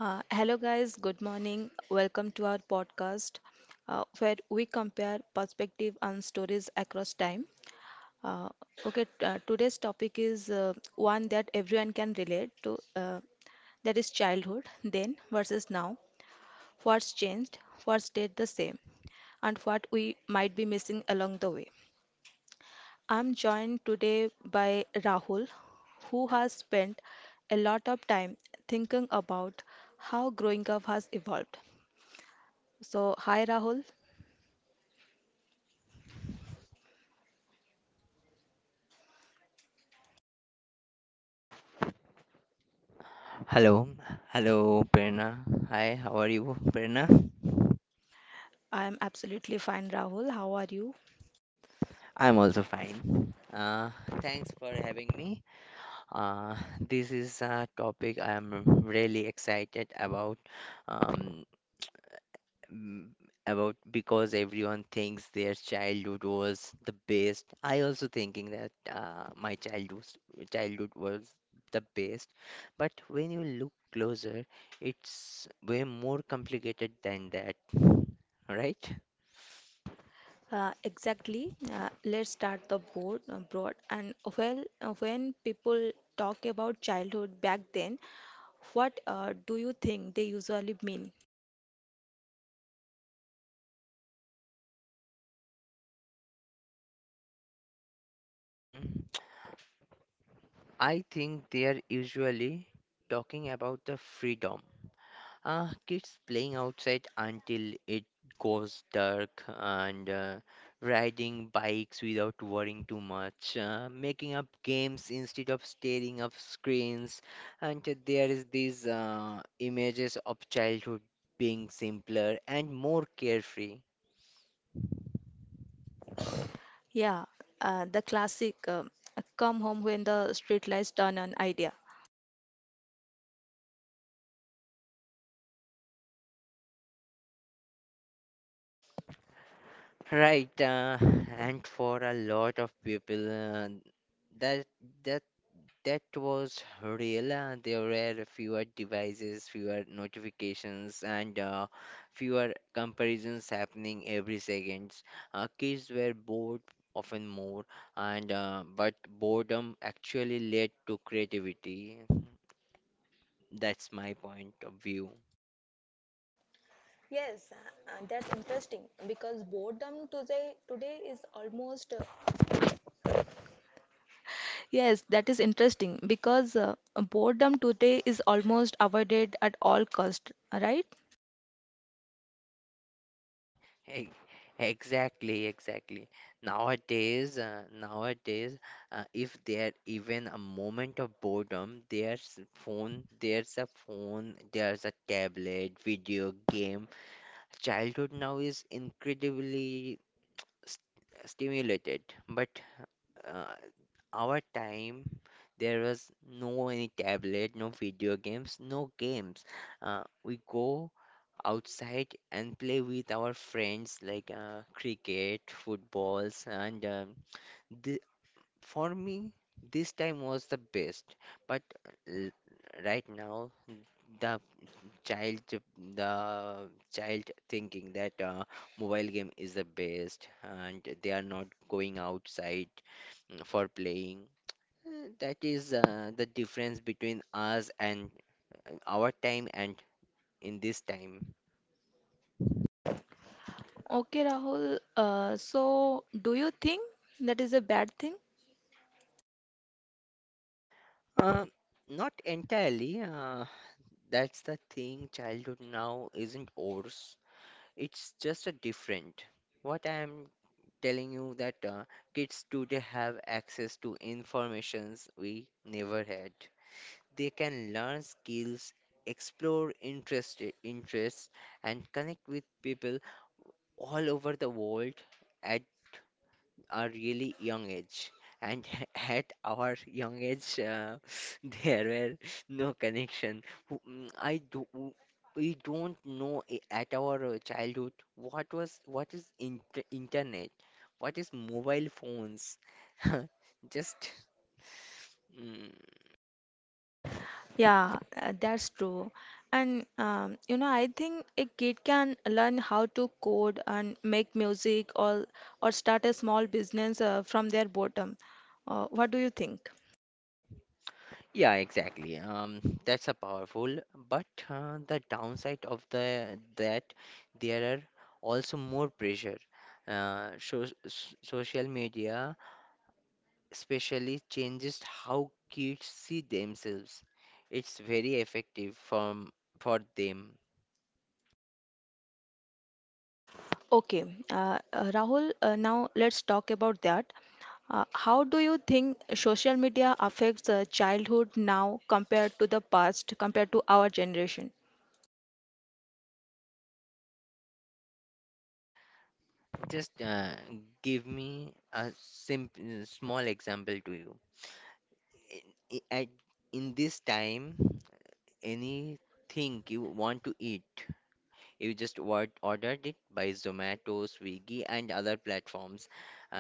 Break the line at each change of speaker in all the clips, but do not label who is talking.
Hello, guys. Good morning. Welcome to our podcast where we compare perspective and stories across time. Uh, okay, today's topic is one that everyone can relate to, that is childhood, then versus now. What's changed, what stayed the same, and what we might be missing along the way. I'm joined today by Rahul, who has spent a lot of time thinking about how growing up has evolved. So, hi Rahul.
Hello, hello, Prerna. Hi, how are you, Prerna?
I'm absolutely fine, Rahul. How are you?
I'm also fine. Thanks for having me. This is a topic I'm really excited about. Um, m- about because everyone thinks their childhood was the best. I also thinking that my childhood was the best, but when you look closer, it's way more complicated than that, right?
Exactly. Let's start the board broad. When people talk about childhood back then, what do you think they usually mean?
Mm, I think they are usually talking about the freedom. Kids playing outside until it goes dark, and riding bikes without worrying too much, making up games instead of staring up screens. And there is these images of childhood being simpler and more carefree.
Yeah, the classic come home when the street lights turn on idea.
Right, and for a lot of people, that That was real. There were fewer devices, fewer notifications, and fewer comparisons happening every seconds. Kids were bored often more, and but boredom actually led to creativity. That's my point of view.
Yes, that's interesting because boredom today today is almost Yes, that is interesting because boredom today is almost avoided at all cost, right?
E- Exactly, exactly. Nowadays, if there even a moment of boredom, there's a phone, there's a tablet, video game. Childhood now is incredibly st stimulated, but uh, our time there was no any tablet, no video games, no games. We go outside and play with our friends like cricket, footballs, and the, for me, this time was the best. But l- right now, the child, the child thinking that mobile game is the best, and they are not going outside for playing. That is the difference between us and our time and in this time.
Okay, Rahul. So, do you think that is a bad thing?
Uh, not entirely. That's the thing. Childhood now isn't ours. It's just a different. What I'm telling you that kids today have access to informations we never had. They can learn skills, explore interests, and connect with people all over the world at a really young age. And at our young age, there were no connection. Who- mm, I do, we don't know at our childhood what is internet, what is mobile phones. Just mm,
Yeah, that's true. And you know, I think a kid can learn how to code and make music or start a small business from their bottom. What do you think?
yeah, exactly. That's a powerful, but the downside of the that there are also more pressure. So, social media especially changes how kids see themselves. It's very effective from for them.
Okay, Rahul, now let's talk about that. How do you think social media affects the childhood now compared to the past, compared to our generation?
Just give me a simple small example to you. In, i- at, in this time, anything you want to eat, you just what ordered it by Zomato, Swiggy, and other platforms,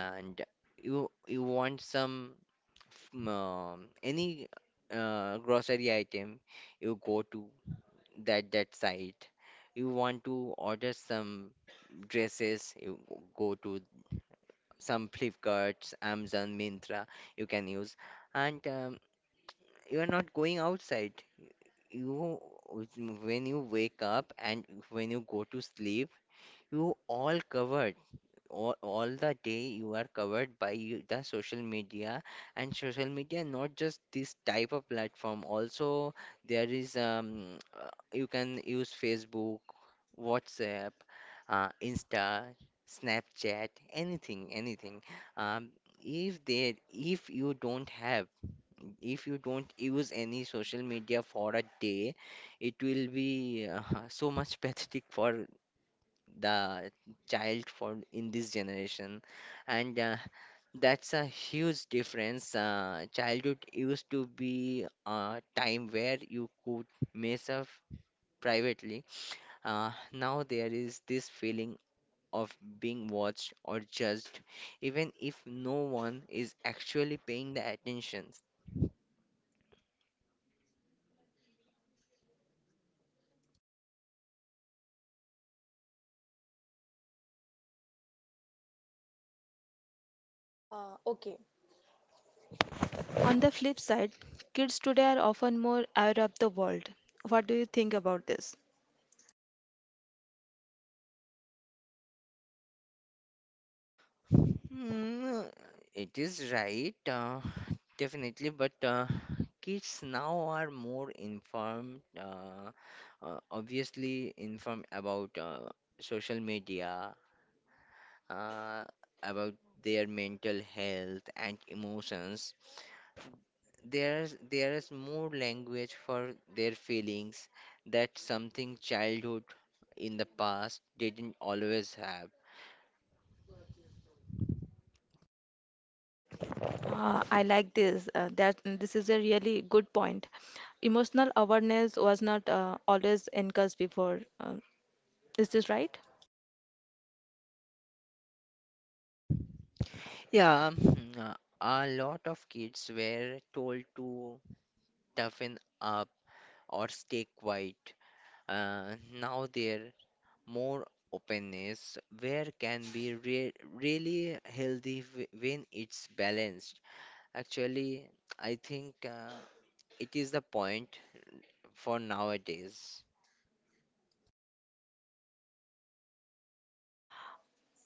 and you want some any grocery item. You go to that site. You want to order some dresses. You go to some flipkarts, amazon, mintra you can use. And you are not going outside, you when you wake up and when you go to sleep, you all covered, all the day. You are covered by the social media, and social media not just this type of platform also. There is uh, you can use Facebook, WhatsApp, Insta, Snapchat, anything. um, if there if you don't use any social media for a day, it will be so much pathetic for the child found in this generation. And that's a huge difference. Childhood used to be a time where you could mess up privately. Now there is this feeling of being watched or judged, even if no one is actually paying the attention.
Okay. On the flip side, kids today are often more aware of the world. What do you think about this?
Mm, it is right, definitely, but kids now are more informed, obviously informed about social media, uh, about their mental health and emotions. There is more language for their feelings, that something childhood in the past didn't always have.
I like this. That this is a really good point. Emotional awareness was not always encouraged before. Is this right?
Yeah. A lot of kids were told to toughen up or stay quiet. Uh, Now there more openness where can be re really healthy when it's balanced. Actually, I think it is the point for nowadays.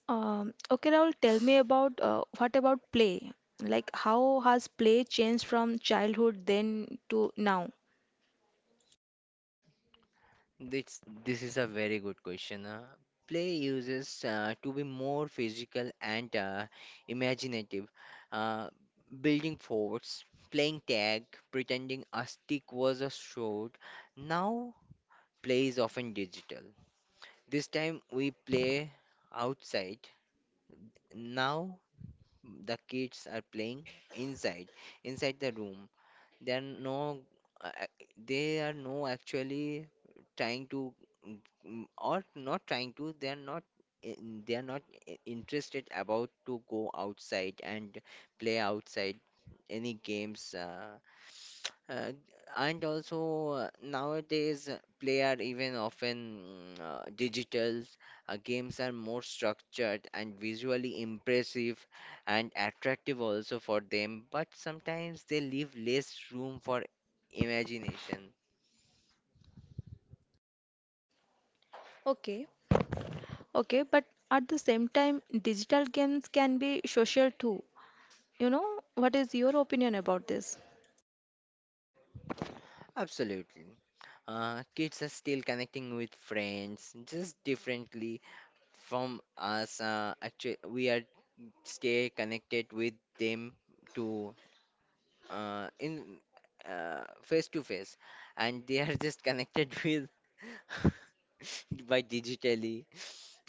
Okay, Rahul, tell me about what about play? Like, how has play changed from childhood then to now?
This is a very good question. Play uses to be more physical and imaginative. Uh, Building forts, playing tag, pretending a stick was a sword. Now play is often digital. This time we play outside. Now the kids are playing inside, inside the room. There are no, ac- They are no actually trying to, mm, or not trying to. They are not. They are not interested about to go outside and play outside any games. Uh, and also nowadays play are even often digital. Games are more structured and visually impressive and attractive also for them, but sometimes they leave less room for imagination.
Okay. Okay, but at the same time, digital games can be social too. You know, what is your opinion about this?
Absolutely. Kids are still connecting with friends just differently from us. Actually, we are stay connected with them to in face to face, and they are just connected with by digitally,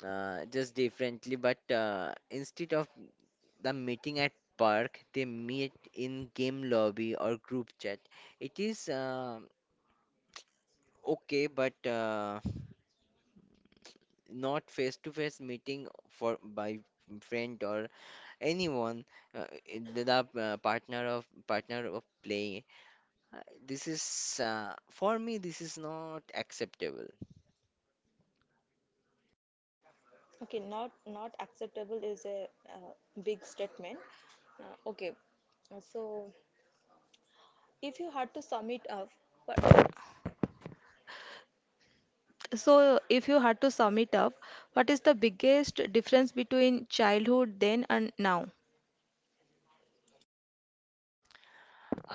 just differently, but instead of the meeting at park, they meet in game lobby or group chat. It is okay, but not face to face meeting for by friend or anyone. Uh, the, partner of play. Uh, this is uh, for me, this is not acceptable.
Okay, not acceptable is a uh, big statement. Okay, so if you had to sum it up, what So, if you had to sum it up, what is the biggest difference between childhood then and now?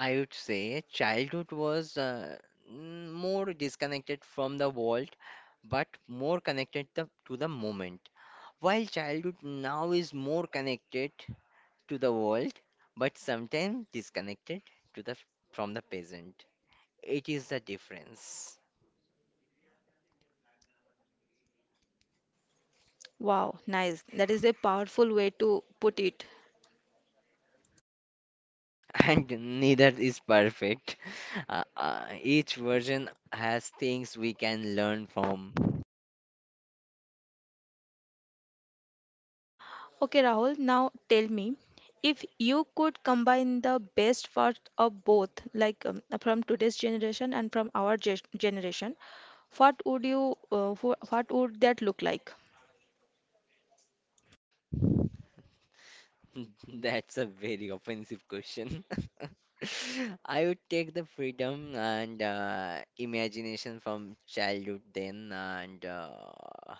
I would say childhood was more disconnected from the world, but more connected to the moment. While childhood now is more connected to the world, but sometimes disconnected to the from the present. It is the difference.
Wow, nice. That is a powerful way to put it.
And neither is perfect. Each version has things we can learn from.
Okay, Rahul, now tell me if you could combine the best part of both, like from today's generation and from our ge generation, what would you, what would that look like?
That's a very offensive question. I would take the freedom and imagination from childhood then, and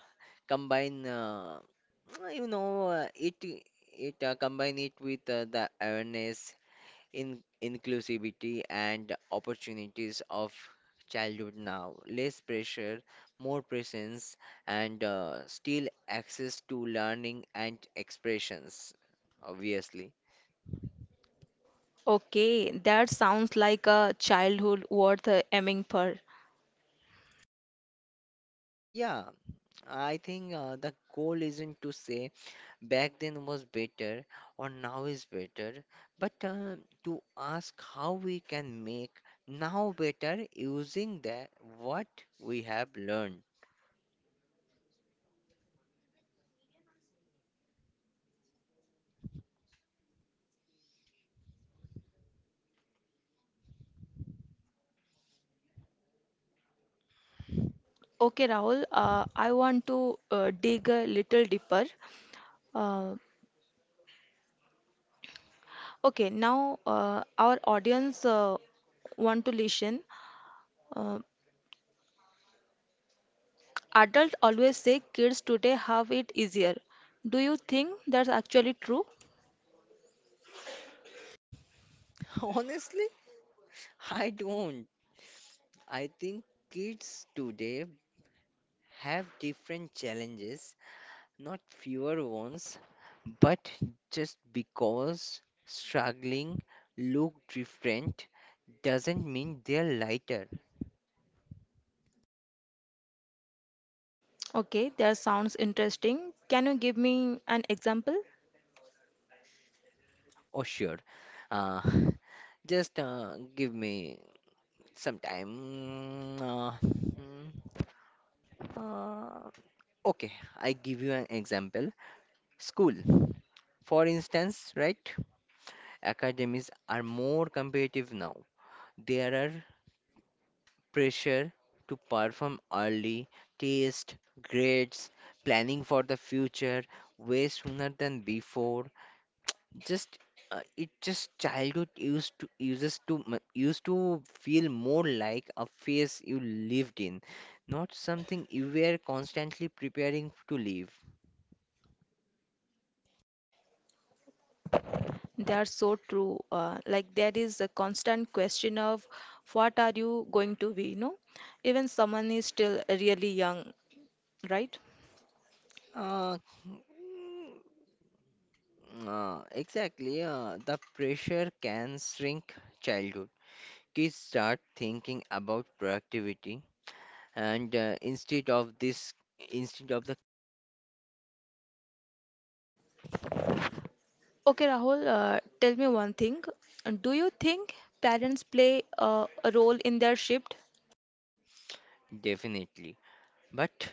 combine you know it it combine it with the awareness, in inclusivity, and opportunities of childhood now. Less pressure, more presence, and still access to learning and expressions, obviously.
Okay, that sounds like a childhood worth aiming for.
Yeah, I think the goal isn't to say back then was better or now is better, but to ask how we can make now better using that what we have learned.
Okay, Rahul, I want to dig a little deeper. Uh, okay, now our audience want to listen. Uh, Adults always say kids today have it easier. Do you think that's actually true?
Honestly, I don't. I think kids today have different challenges, not fewer ones, but just because struggling look different doesn't mean they're lighter.
Okay, that sounds interesting. Can you give me an example?
Oh, sure. Uh, just give me some time. Mm, uh, okay, I give you an example. School, for instance, right? Academies are more competitive now. There are pressure to perform early, test, grades, planning for the future way sooner than before. Just it just Childhood used to used to feel more like a phase you lived in, not something you were constantly preparing to live.
They are so true. Like there is a constant question of what are you going to be, you know? Even someone is still really young, right?
Uh, mm, exactly. The pressure can shrink childhood. Kids start thinking about productivity, and instead of the.
Okay, Rahul, tell me one thing. Do you think parents play a role in their shift?
Definitely, but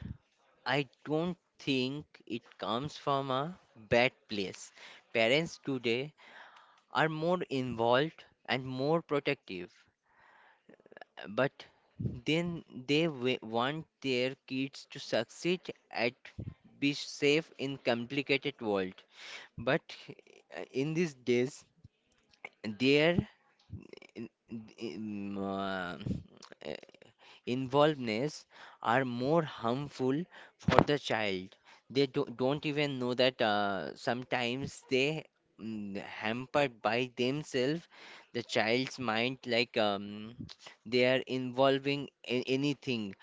I don't think it comes from a bad place. Parents today are more involved and more protective, but then they want their kids to succeed and be safe in complicated world. But in these days, their in, in, uh, involvedness are more harmful for the child. They don't even know that sometimes they hampered by themselves the child's mind like they are involving in anything.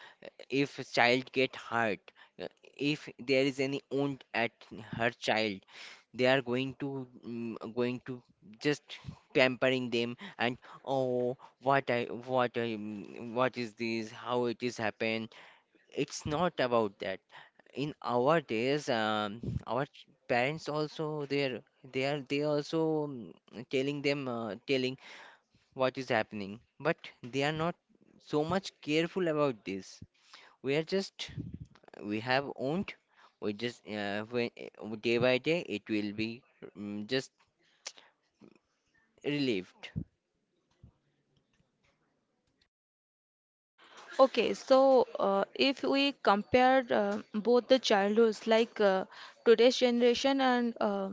If a child get hurt, uh, if there is any wound at her child, they are going to just pampering them and oh, what i what is this, how it is happened. It's not about that. In our days, our parents also, they're they are they also telling them, telling what is happening, but they are not so much careful about this. We are just, we have owned. we just uh, when, Day by day it will be just relieved.
Okay, so if we compare both the childhoods, like today's generation and uh,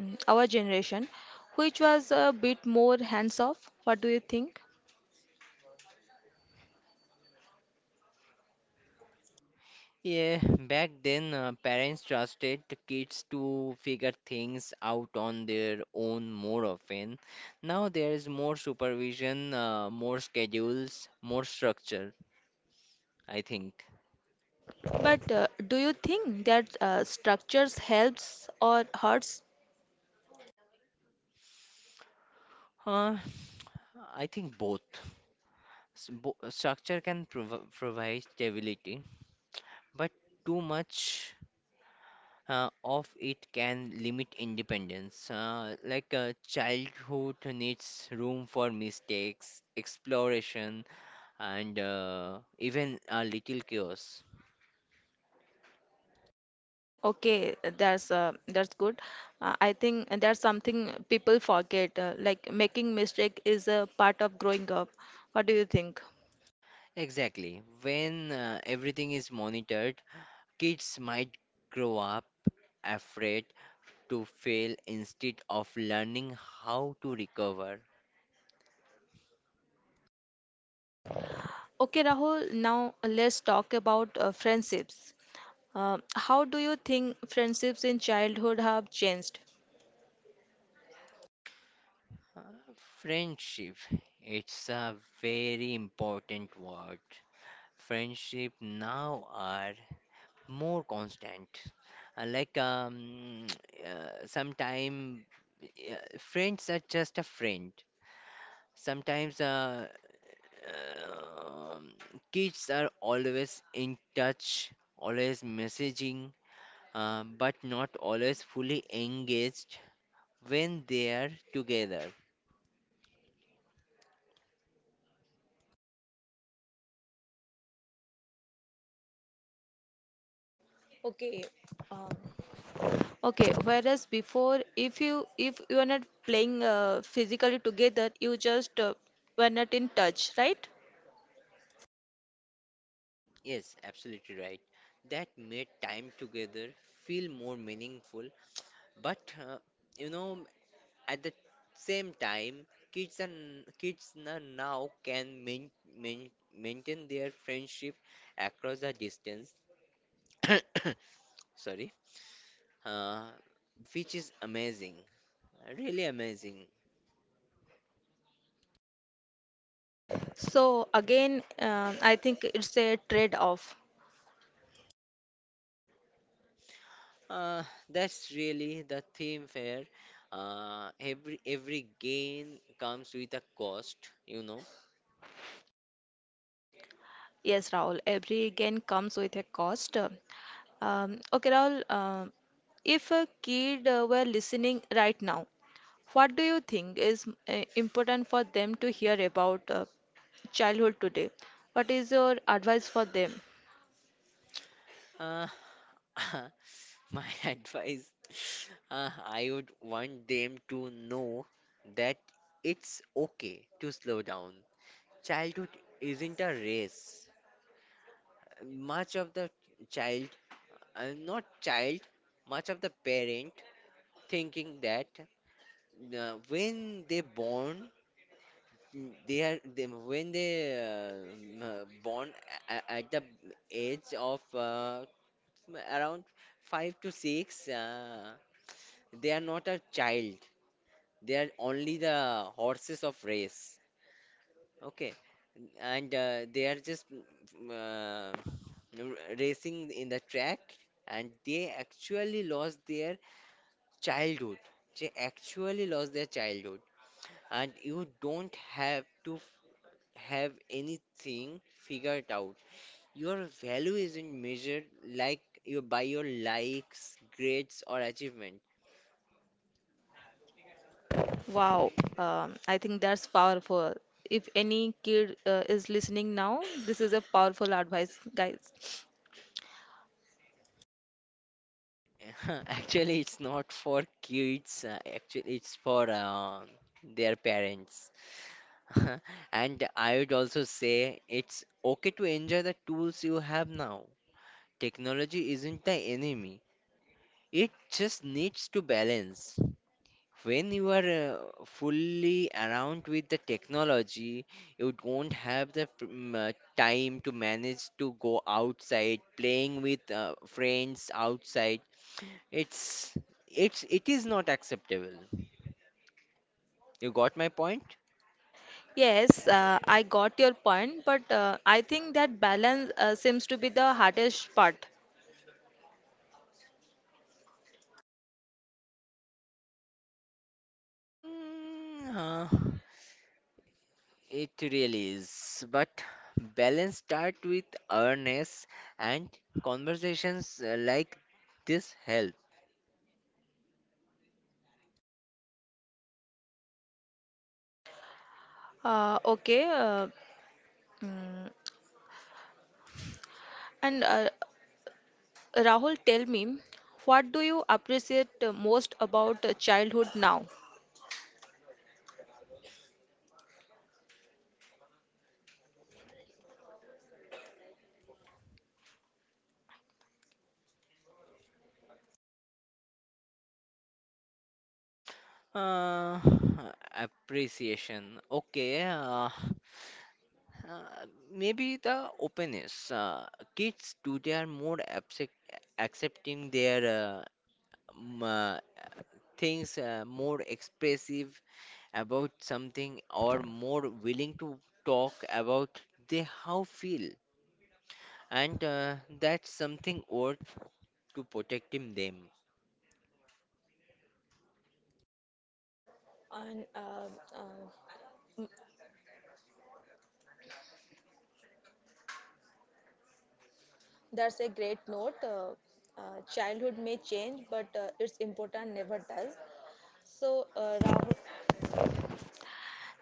mm, our generation, which was a bit more hands-off, what do you think?
Yeah, back then parents trusted the kids to figure things out on their own more often. Now there is more supervision, more schedules, more structure, I think.
But do you think that structures helps or hurts?
Huh? I think both. Structure can provide stability, but too much of it can limit independence. Like childhood needs room for mistakes, exploration, and even a little chaos.
Okay, that's good. I think that's something people forget. Like making mistake is a part of growing up. What do you think?
Exactly. When everything is monitored, kids might grow up afraid to fail instead of learning how to recover.
Okay, Rahul. Now let's talk about friendships. How do you think friendships in childhood have changed?
Friendship, it's a very important word. Friendship now are more constant. Like sometime friends are just a friend. Sometimes Um, kids are always in touch, always messaging, but not always fully engaged when they are together.
Okay. Um, okay, whereas before, if you are not playing physically together, you just were not in touch, right?
Yes, absolutely right. That made time together feel more meaningful, but you know, at the same time, kids now can main, maintain their friendship across the distance. Sorry. uh, which is amazing, really amazing.
So again, um, I think it's a trade-off.
Uh, that's really the theme fair. Every gain comes with a cost.
Yes, Rahul, every gain comes with a cost. Okay, Rahul, um, if a kid were listening right now, what do you think is important for them to hear about childhood today? What is your advice for them?
Uh, my advice, I would want them to know that it's okay to slow down. Childhood isn't a race. Much of the child, not child, much of the parent thinking that when they born, mm, they are they, when they uh, m- born at the age of around 5 to 6, they are not a child, they are only the horses of race, okay. And they are just racing in the track, and they actually lost their childhood. They actually lost their childhood. And you don't have to have anything figured out. Your value isn't measured like you by your likes, grades, or achievement.
Wow, I think that's powerful. If any kid is listening now, this is a powerful advice, guys.
Actually, it's not for kids. Actually, it's for their parents. And I would also say it's okay to enjoy the tools you have now. Technology isn't the enemy. It just needs to balance. When you are fully around with the technology, you don't have the time to manage to go outside playing with friends outside. it's it is not acceptable. You got my point?
Yes, I got your point, but I think that balance seems to be the hardest part.
Mm, uh, it really is, but balance start with awareness and conversations like this help.
Okay, mm, and Rahul, tell me, what do you appreciate most about childhood now?
Uh, Appreciation. Okay. Uh, Maybe the openness. Kids today are more accepting their m- uh, things, more expressive about something, or more willing to talk about they how feel, and that's something worth to protecting them.
And uh, that's a great note. Uh, Childhood may change, but its important never does. So, Rahul,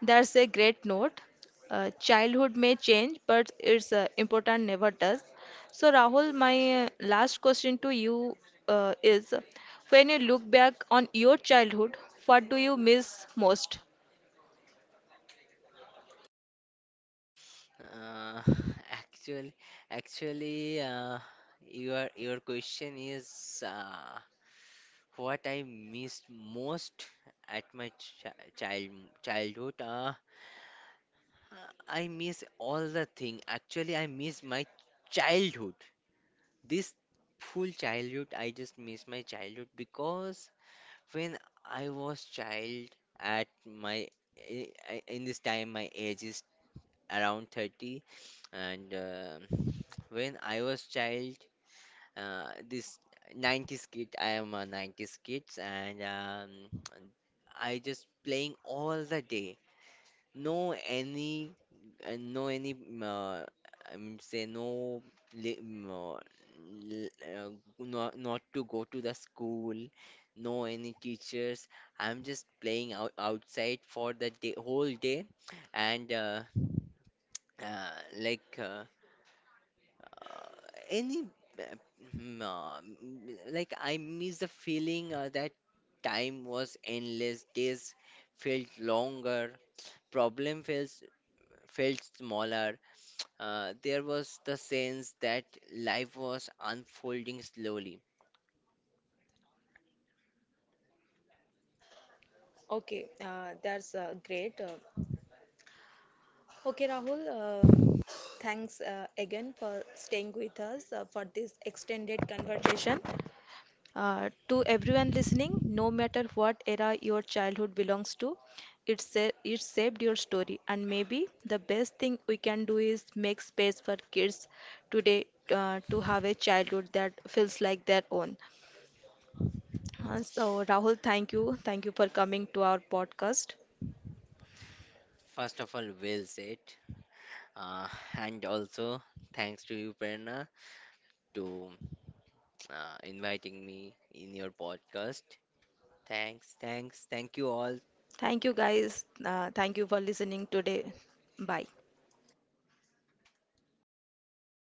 That's a great note. Childhood may change, but it's important never does. So, Rahul, my last question to you is, when you look back on your childhood, what do you miss most?
Uh, actually, actually, your question is what I missed most at my ch child childhood. I miss all the thing. Actually, I miss my childhood. This full childhood, I just miss my childhood, because when I was child at my in this time, my age is around 30. And when I was child, this 90s kid, I am a 90s kids, and I just playing all the day. No any, no any. I mean, say no. li- mm, uh, l- uh, Not, not to go to the school, no any teachers. I'm just playing outside for the day, whole day, and uh, like. Any uh, mm, uh, m- like I miss the feeling that time was endless, days felt longer, problem felt smaller. There was the sense that life was unfolding slowly.
Okay, that's great. Okay, Rahul, um, thanks again for staying with us for this extended conversation. To everyone listening, no matter what era your childhood belongs to, it shaped your story. And maybe the best thing we can do is make space for kids today to have a childhood that feels like their own. So, Rahul, thank you. Thank you for coming to our podcast.
First of all, well said. Uh, and also, thanks to you, Prerna, to inviting me in your podcast. Thanks, thanks, thank you all.
Thank you, guys. Thank you for listening today. Bye.